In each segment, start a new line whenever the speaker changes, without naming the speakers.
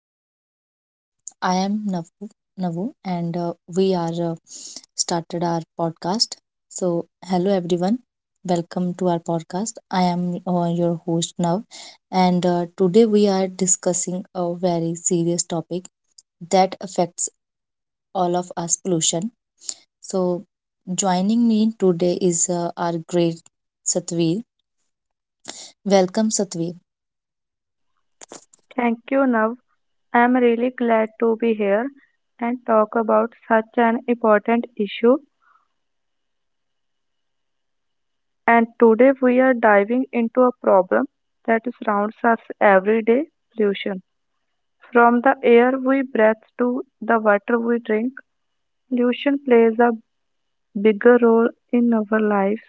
our podcast. I am Navu, Navu and we are started our podcast. So, hello everyone. Welcome to our podcast. I am your host Nav and today we are discussing a very serious topic that affects all of us pollution. So, joining me today is our great Satveer. Welcome Satveer.
Thank you, Nav. I'm really glad to be here and talk about such an important issue. And today we are diving into a problem that surrounds us every day, pollution. From the air we breathe to the water we drink, pollution plays a bigger role in our lives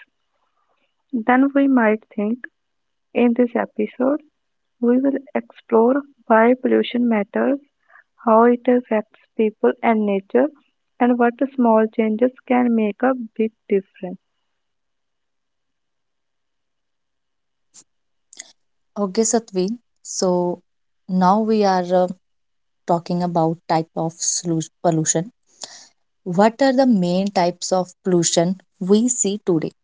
than we might think. In this episode, we will explore why pollution matters, how it affects people and nature, and what small changes can make a big difference.
Okay Satveer. So, now we are talking about type of pollution. What are the main types of pollution we see today?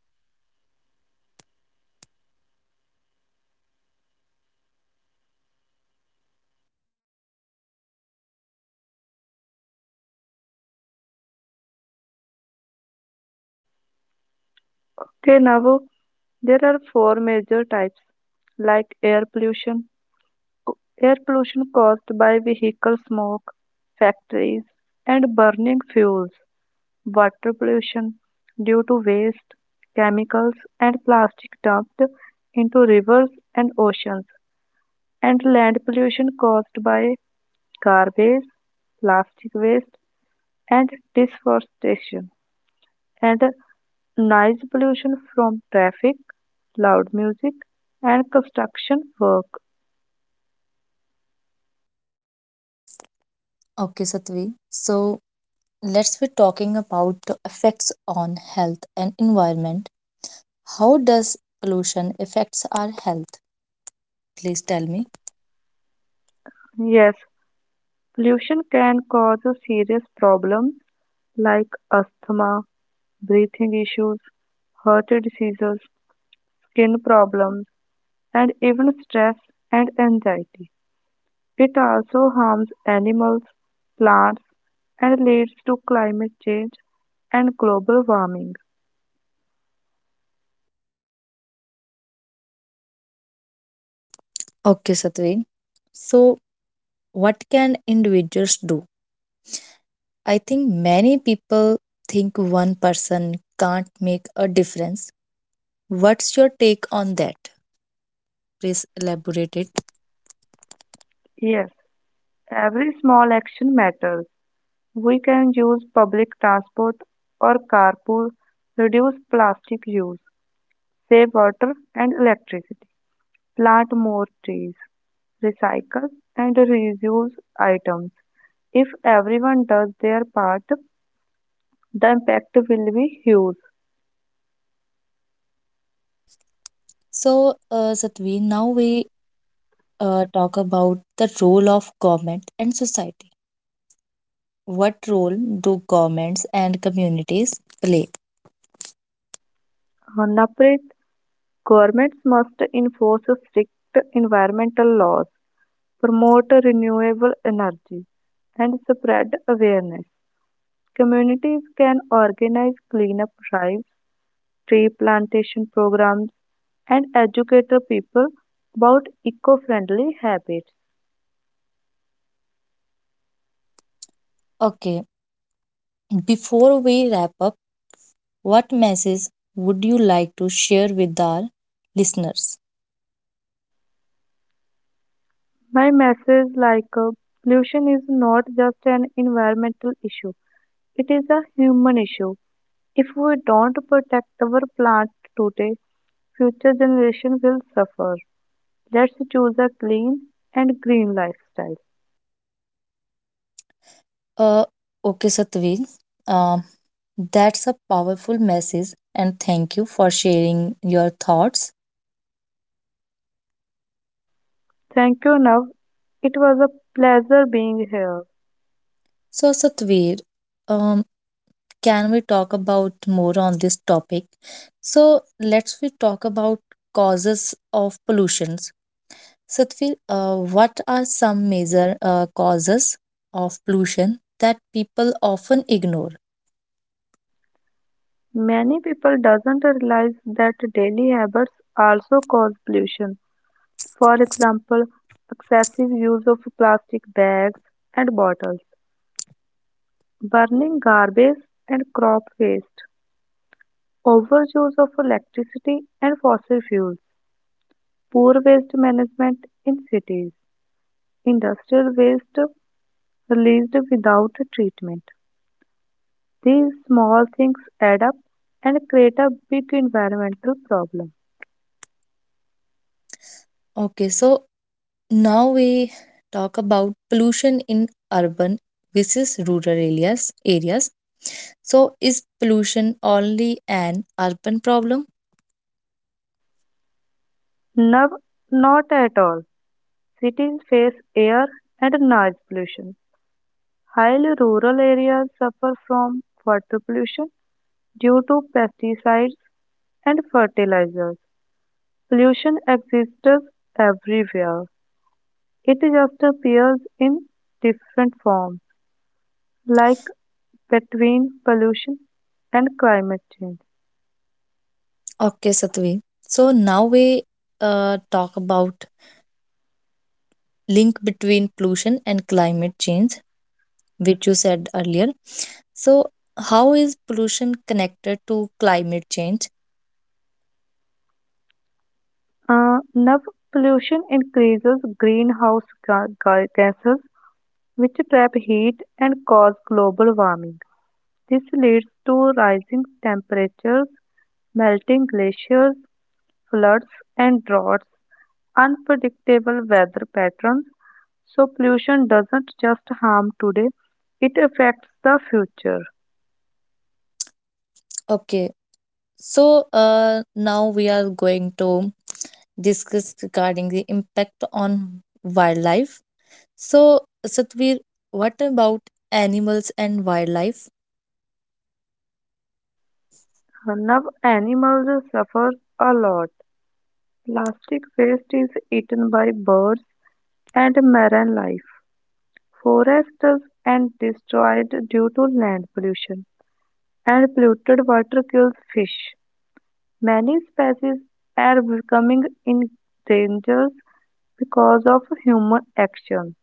Okay, now there are four major types, like air pollution caused by vehicle smoke, factories, and burning fuels, water pollution due to waste, chemicals, and plastic dumped into rivers and oceans, and land pollution caused by garbage, plastic waste, and deforestation, and noise pollution from traffic, loud music, and construction work.
Okay, Satvi. So let's be talking about the effects on health and environment. How does pollution affects our health? Please tell me.
Yes, pollution can cause serious problems like asthma, breathing issues, heart diseases, skin problems, and even stress and anxiety. It also harms animals, plants, and leads to climate change and global warming.
Okay, Satvi. So what can individuals do? I think many people think one person can't make a difference. What's your take on that? Please elaborate it.
Yes, every small action matters. We can use public transport or carpool, reduce plastic use, save water and electricity, plant more trees, recycle and reuse items. If everyone does their part, the impact will be huge.
So, Satvi, now we talk about the role of government and society. What role do governments and communities play?
Naprit, governments must enforce strict environmental laws, promote renewable energy, and spread awareness. Communities can organize cleanup drives, tree plantation programs, and educate the people about eco friendly habits.
Okay, before we wrap up, what message would you like to share with our listeners?
My message, like pollution is not just an environmental issue, it is a human issue. If we don't protect our planet today, future generations will suffer. Let's choose a clean and green lifestyle.
Uh, okay, Satvi, um, that's a powerful message, and thank you for sharing your thoughts.
Thank you, Nav. It was a pleasure being here.
So, Satvi, um, can we talk about more on this topic? So let's we talk about causes of pollutions. Satvir, what are some major causes of pollution that people often ignore?
Many people doesn't realize that daily habits also cause pollution. For example, excessive use of plastic bags and bottles, burning garbage and crop waste, overuse of electricity and fossil fuels, poor waste management in cities, industrial waste released without treatment. These small things add up and create a big environmental problem.
Okay, so now we talk about pollution in urban versus rural areas. Areas. So is pollution only an urban problem?
No, not at all. Cities face air and noise pollution. Highly rural areas suffer from water pollution due to pesticides and fertilizers. Pollution exists everywhere. It just appears in different forms, like between pollution and climate change.
Okay, Satvir. So now we talk about link between pollution and climate change, which you said earlier. So, how is pollution connected to climate change?
Nerve pollution increases greenhouse gases, which trap heat and cause global warming. This leads to rising temperatures, melting glaciers, floods, and droughts, unpredictable weather patterns. So, pollution doesn't just harm today, it affects the future.
Okay, so now we are going to discuss regarding the impact on wildlife. So, Satvir, what about animals and wildlife?
Now, animals suffer a lot. Plastic waste is eaten by birds and marine life. Forests and destroyed due to land pollution, and polluted water kills fish. Many species are becoming endangered because of human action.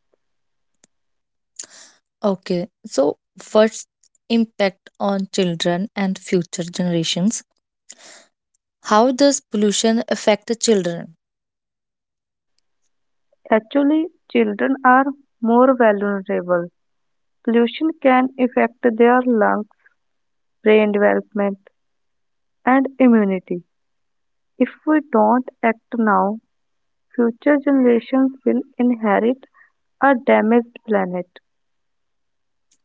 Okay, so first impact on children and future generations. How does pollution affect the children?
Actually, children are more vulnerable. Pollution can affect their lungs, brain development, and immunity. If we don't act now, future generations will inherit a damaged planet.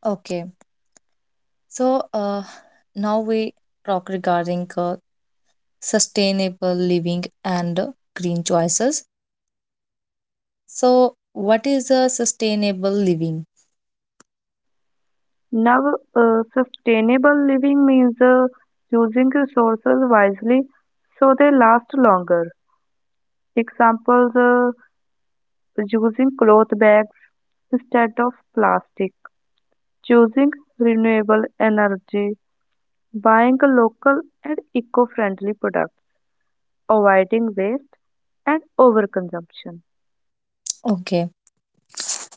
Okay, so now we talk regarding sustainable living and green choices. So what is a sustainable living?
Now, sustainable living means using resources wisely so they last longer. Examples, using cloth bags instead of plastic, choosing renewable energy, buying local and eco friendly products, avoiding waste and overconsumption.
Okay.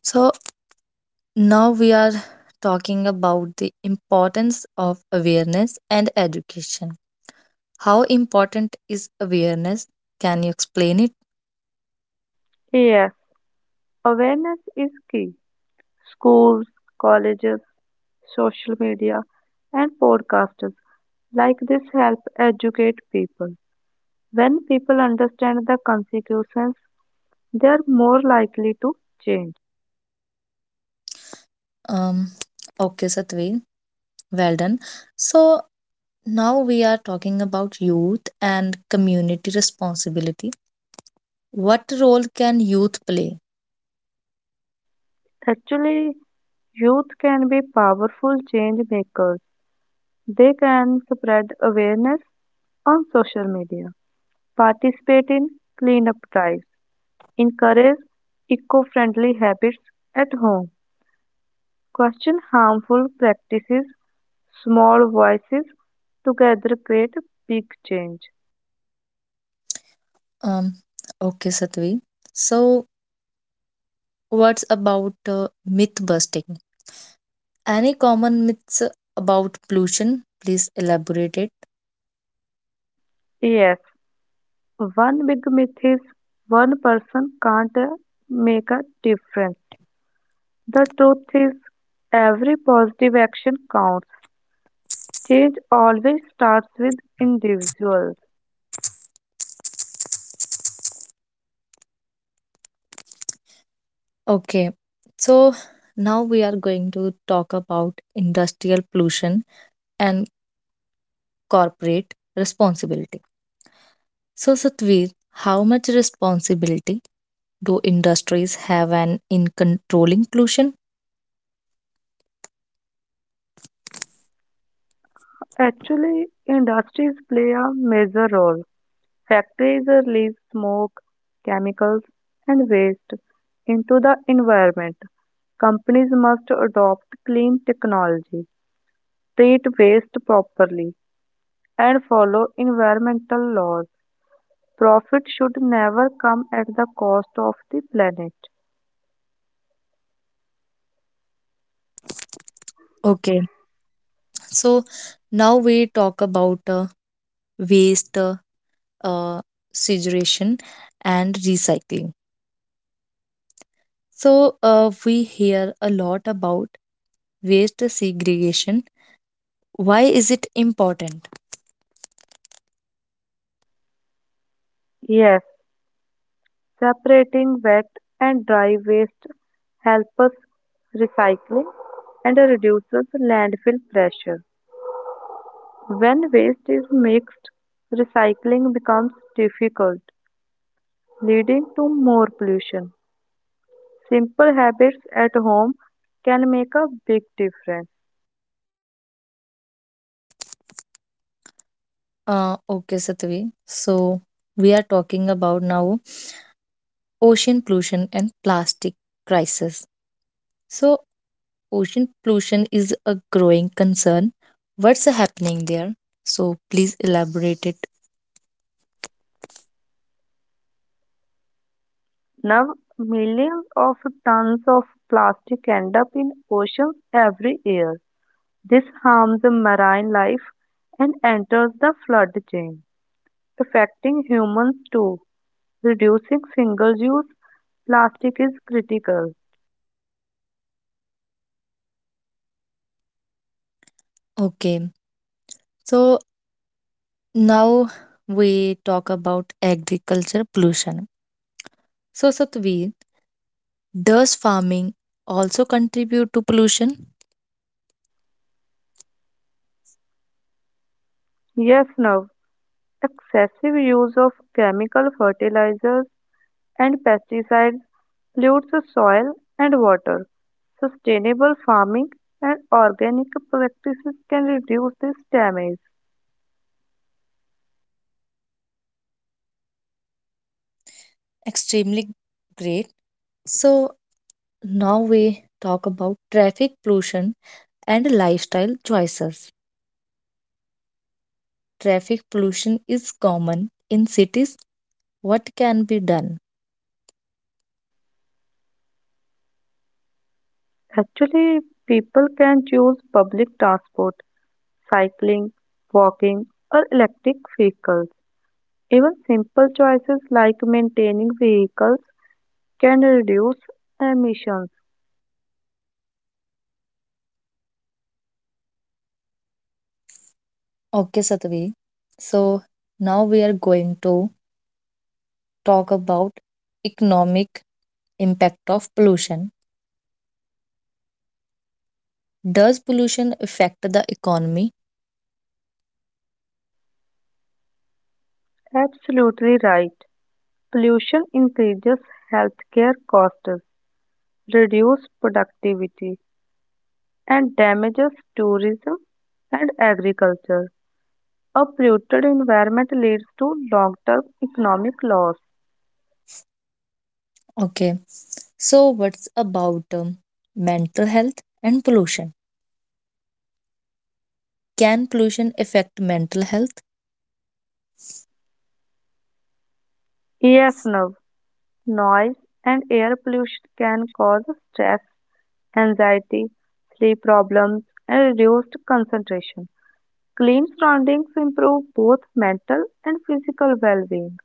So now we are talking about the importance of awareness and education. How important is awareness? Can you explain it?
Yes, awareness is key. Schools, colleges, social media, and podcasters like this help educate people. When people understand the consequences, they are more likely to change.
Um, okay, Satvi. Well done. So now we are talking about youth and community responsibility. What role can youth play?
Actually, youth can be powerful change makers. They can spread awareness on social media, participate in cleanup drives, encourage eco friendly habits at home, question harmful practices. Small voices together create big change.
Um, okay, Satvi. So, what's about myth busting? Any common myths about pollution? Please elaborate it.
Yes, one big myth is one person can't make a difference. The truth is, every positive action counts. Change always starts with individuals.
Okay, so now we are going to talk about industrial pollution and corporate responsibility. So, Satvir, how much responsibility do industries have an in controlling pollution?
Actually, industries play a major role. Factories release smoke, chemicals, and waste into the environment. Companies must adopt clean technology, treat waste properly, and follow environmental laws. Profit should never come at the cost of the planet.
Okay, so now we talk about waste uh, segregation and recycling. So, we hear a lot about waste segregation. Why is it important?
Yes, separating wet and dry waste helps us recycling and reduces landfill pressure. When waste is mixed, recycling becomes difficult, leading to more pollution. Simple habits at home can make a big difference.
Okay, Satvi. So, we are talking about now ocean pollution and plastic crisis. So, ocean pollution is a growing concern. What's happening there? So, please elaborate it.
Now, millions of tons of plastic end up in oceans every year. This harms the marine life and enters the flood chain, affecting humans too. Reducing single use plastic is critical.
Okay. So, now we talk about agriculture pollution. So, Satvi, does farming also contribute to pollution?
Yes, now, excessive use of chemical fertilizers and pesticides pollutes the soil and water. Sustainable farming and organic practices can reduce this damage.
Extremely great. So now we talk about traffic pollution and lifestyle choices. Traffic pollution is common in cities. What can be done?
Actually, people can choose public transport, cycling, walking, or electric vehicles. Even simple choices like maintaining vehicles can reduce emissions.
Okay, Satvi. So now we are going to talk about economic impact of pollution. Does pollution affect the economy?
Absolutely right. Pollution increases healthcare costs, reduces productivity, and damages tourism and agriculture. A polluted environment leads to long term economic loss.
Okay, so what's about mental health and pollution? Can pollution affect mental health?
Yes, Nav. Noise and air pollution can cause stress, anxiety, sleep problems, and reduced concentration. Clean surroundings improve both mental and physical well being.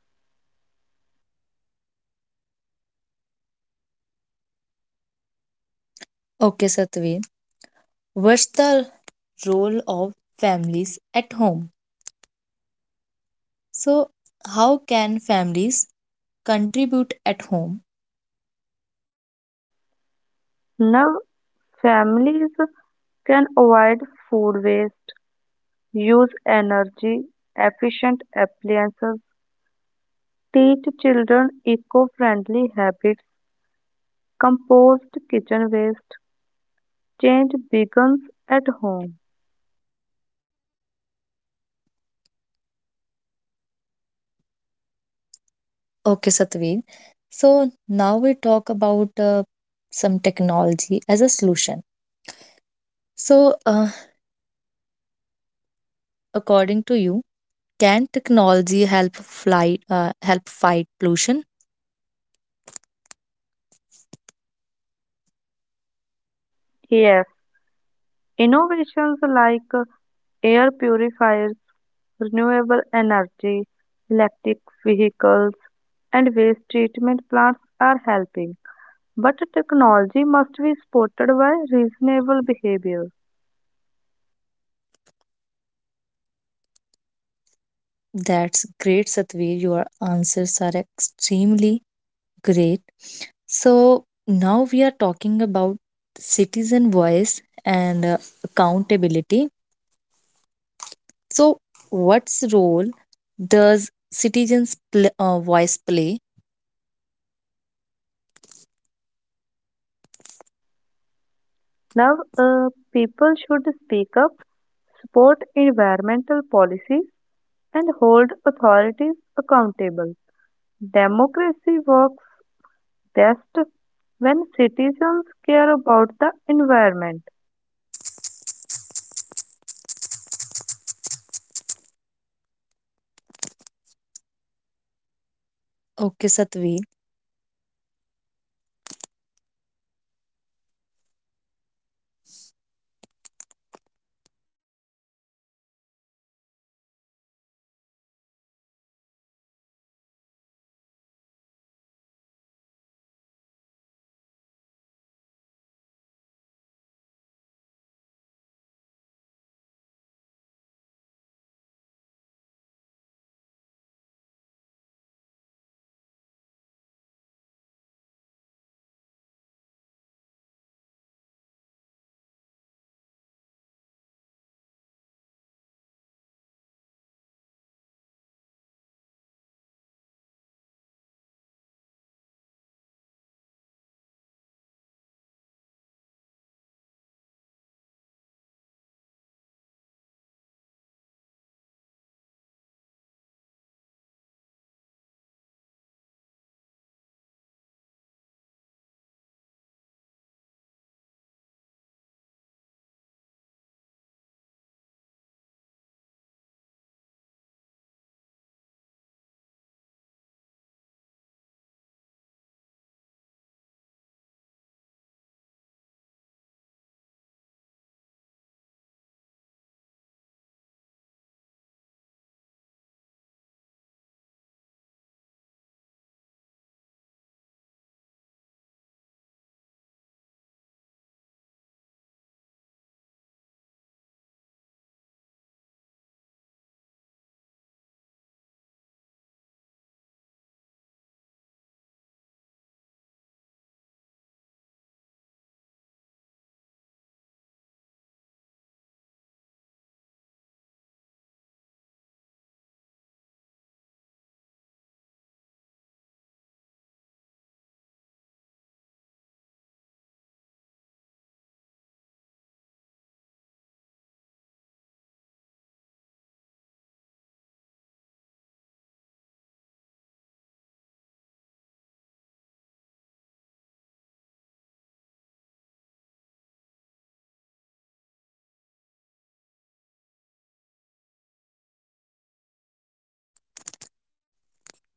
Okay, Satveer, what's the role of families at home? So, how can families contribute at home?
Now, families can avoid food waste, use energy efficient appliances, teach children eco friendly habits, compost kitchen waste. Change begins at home.
Okay, Satveer, so now we talk about some technology as a solution. So, according to you, can technology help flight help fight pollution?
Yes, innovations like air purifiers, renewable energy, electric vehicles, and waste treatment plants are helping. But technology must be supported by reasonable behavior.
That's great, Satveer. Your answers are extremely great. So now we are talking about citizen voice and accountability. So, what's role does citizens' voice play?
Now, people should speak up, support environmental policies, and hold authorities accountable. Democracy works best when citizens care about the environment.
Okay, Satveer.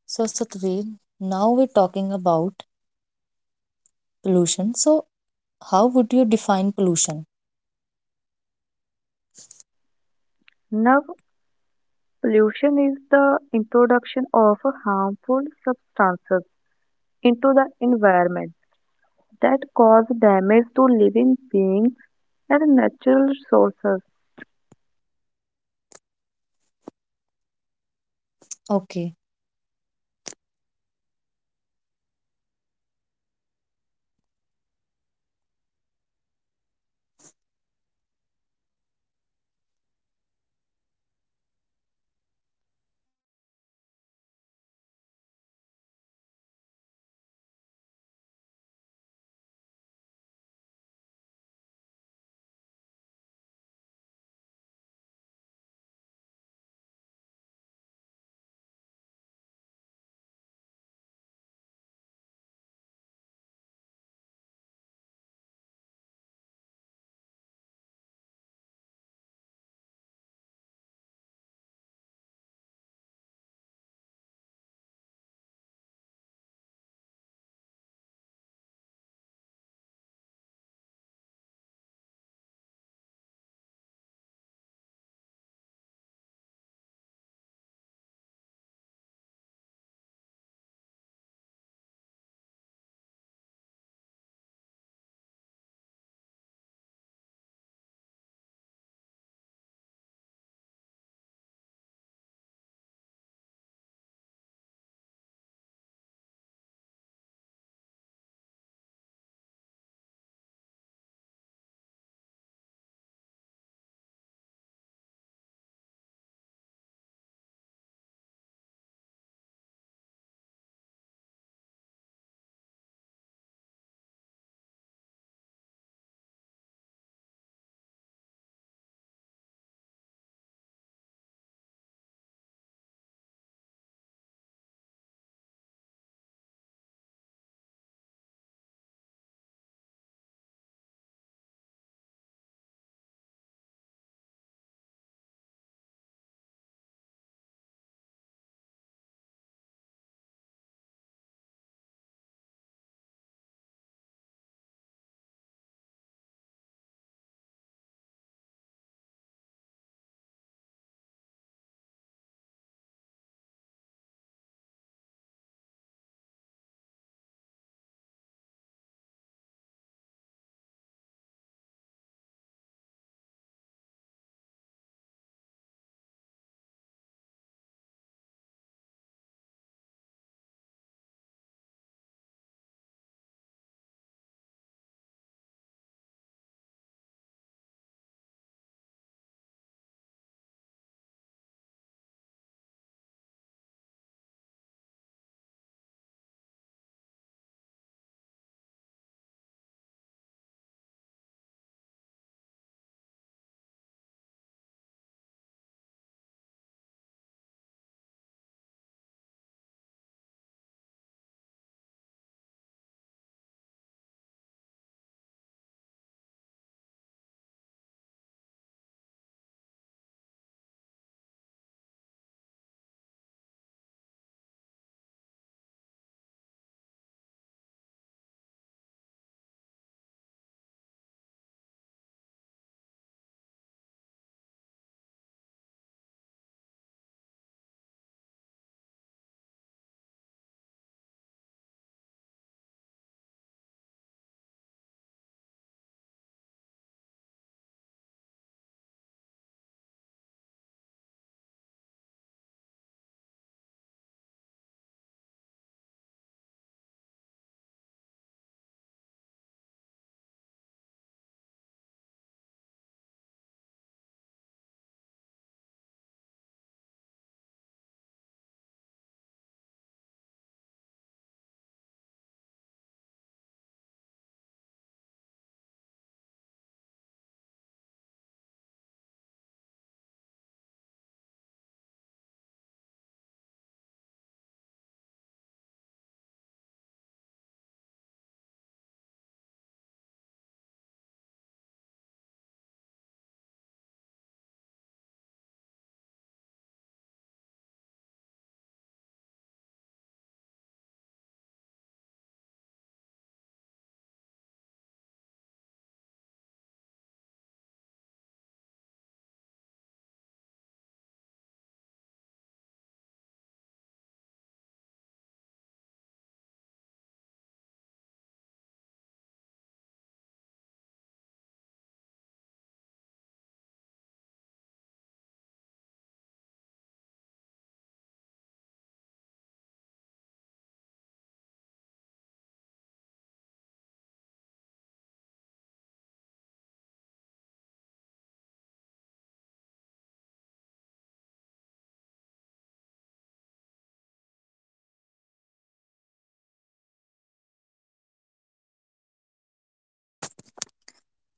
So, Satveer, now we're talking about pollution. So, how would you define pollution?
Now, pollution is the introduction of harmful substances into the environment that cause damage to living beings and natural resources.
Okay.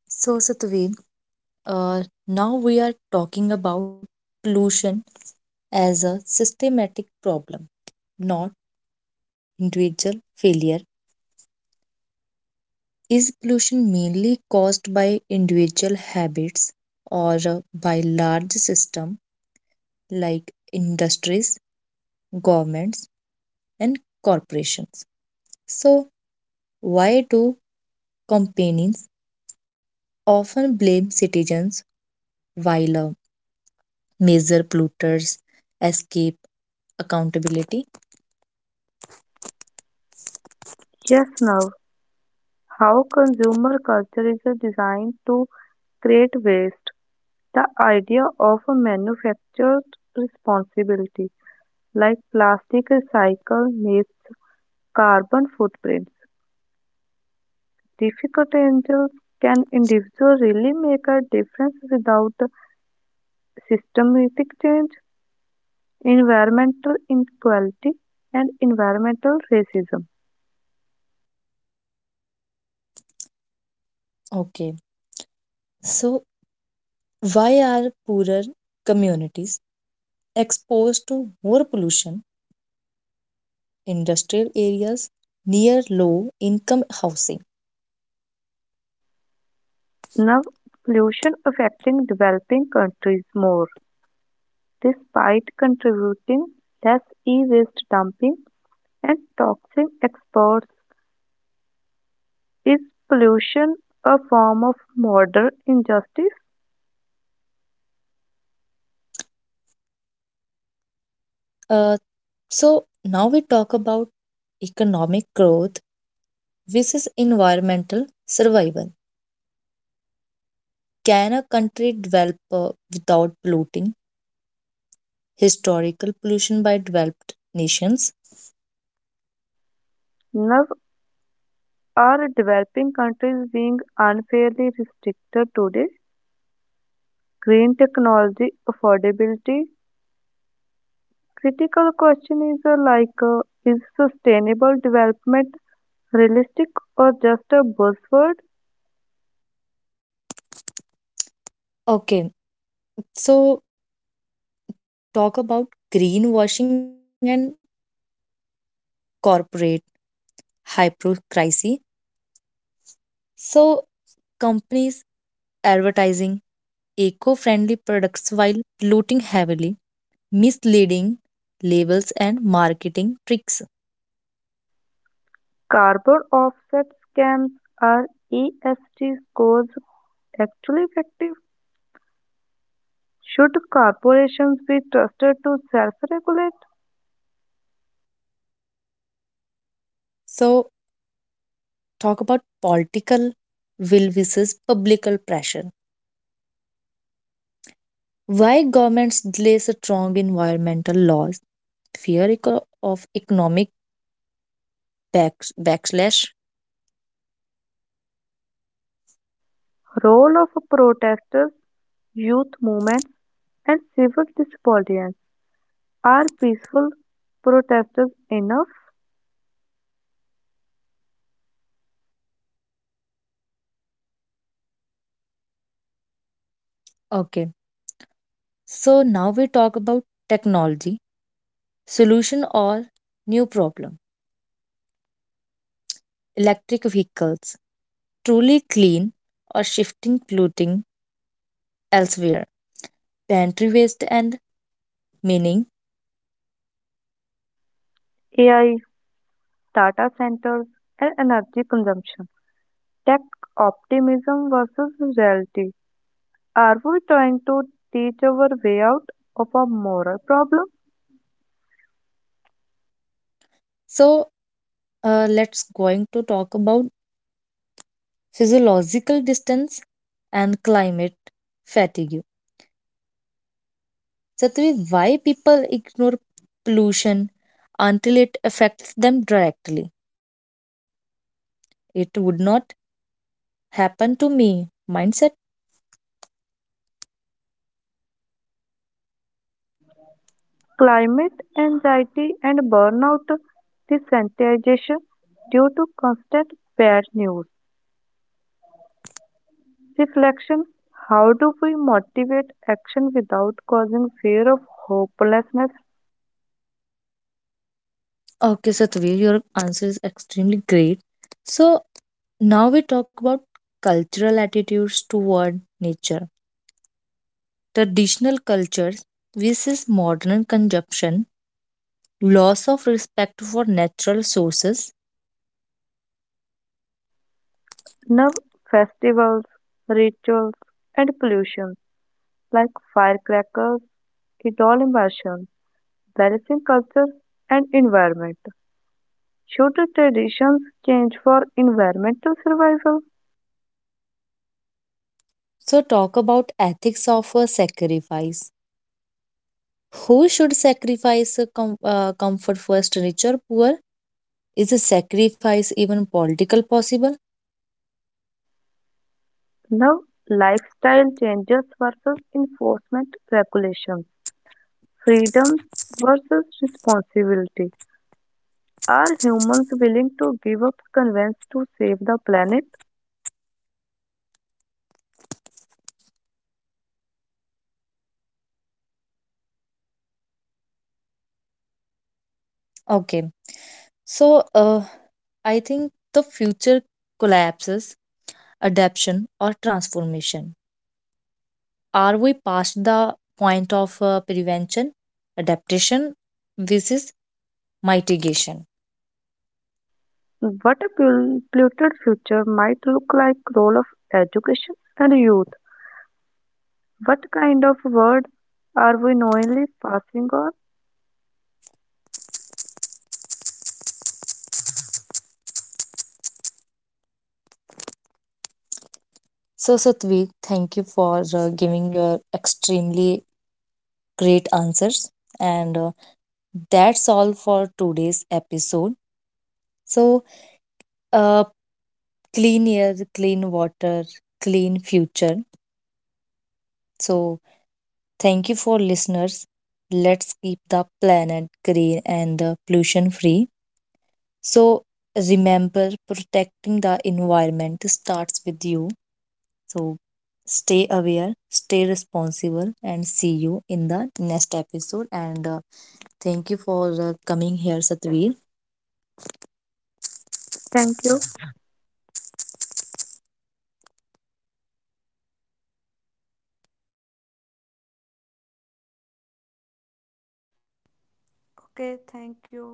So, Satveer, now we are talking about pollution as a systematic problem, not individual failure. Is pollution mainly caused by individual habits or by large systems like industries, governments, and corporations? So, why do companies often blame citizens while major polluters escape accountability?
Yes, now, how consumer culture is designed to create waste. The idea of a manufactured responsibility, like plastic recycle, makes carbon footprints. Difficult angels, can individual really make a difference without systematic change, environmental inequality, and environmental racism.
Okay, so why are poorer communities exposed to more pollution, industrial areas near low income housing.
Now, pollution affecting developing countries more, despite contributing less, e-waste dumping and toxic exports. Is pollution a form of modern injustice?
Uh, so, now we talk about economic growth versus environmental survival. Can a country develop without polluting? Historical pollution by developed nations.
Now, are developing countries being unfairly restricted today? Green technology affordability, critical question is like is sustainable development realistic, or just a buzzword?
Okay, so talk about greenwashing and corporate hypocrisy. So, companies advertising eco friendly products while polluting heavily, misleading labels, and marketing tricks.
Carbon offset scams, are ESG scores actually effective? Should corporations be trusted to self-regulate?
So, talk about political will versus public pressure. Why governments delay strong environmental laws? Fear of economic backlash.
Role of protesters, youth movements, and civil disobedience. Are peaceful protesters enough?
Okay, so now we talk about technology, solution or new problem. Electric vehicles, truly clean or shifting polluting elsewhere. Pantry waste and meaning.
AI data centers and energy consumption, tech optimism versus reality. Are we trying to teach our way out of a moral problem?
So let's going to talk about physiological distance and climate fatigue. Satvi, why people ignore pollution until it affects them directly? It would not happen to me. Mindset.
Climate anxiety and burnout, desensitization due to constant bad news. Reflection, how do we motivate action without causing fear of hopelessness?
Okay, Satvi, your answer is extremely great. So now we talk about cultural attitudes toward nature. Traditional cultures versus modern consumption loss of respect for natural sources.
Nerve festivals, rituals, and pollution like firecrackers, it all immersion. Balancing culture and environment. Should traditions change for environmental survival?
So, talk about ethics of a sacrifice. Who should sacrifice a comfort first, rich or poor? Is a sacrifice even political possible?
Now, lifestyle changes versus enforcement regulations, freedom versus responsibility. Are humans willing to give up convenience to save the planet?
Okay, so I think the future collapses, adaptation, or transformation. Are we past the point of prevention, adaptation, versus mitigation?
What a polluted future might look like, role of education and youth. What kind of world are we knowingly passing on?
So, Satwik, thank you for giving your extremely great answers. And that's all for today's episode. So, uh, clean air, clean water, clean future. So, thank you for listeners. Let's keep the planet green and pollution free. So, remember protecting the environment starts with you. So stay aware, stay responsible, and see you in the next episode. And thank you for coming here, Satvir.
Thank you. Okay, thank you.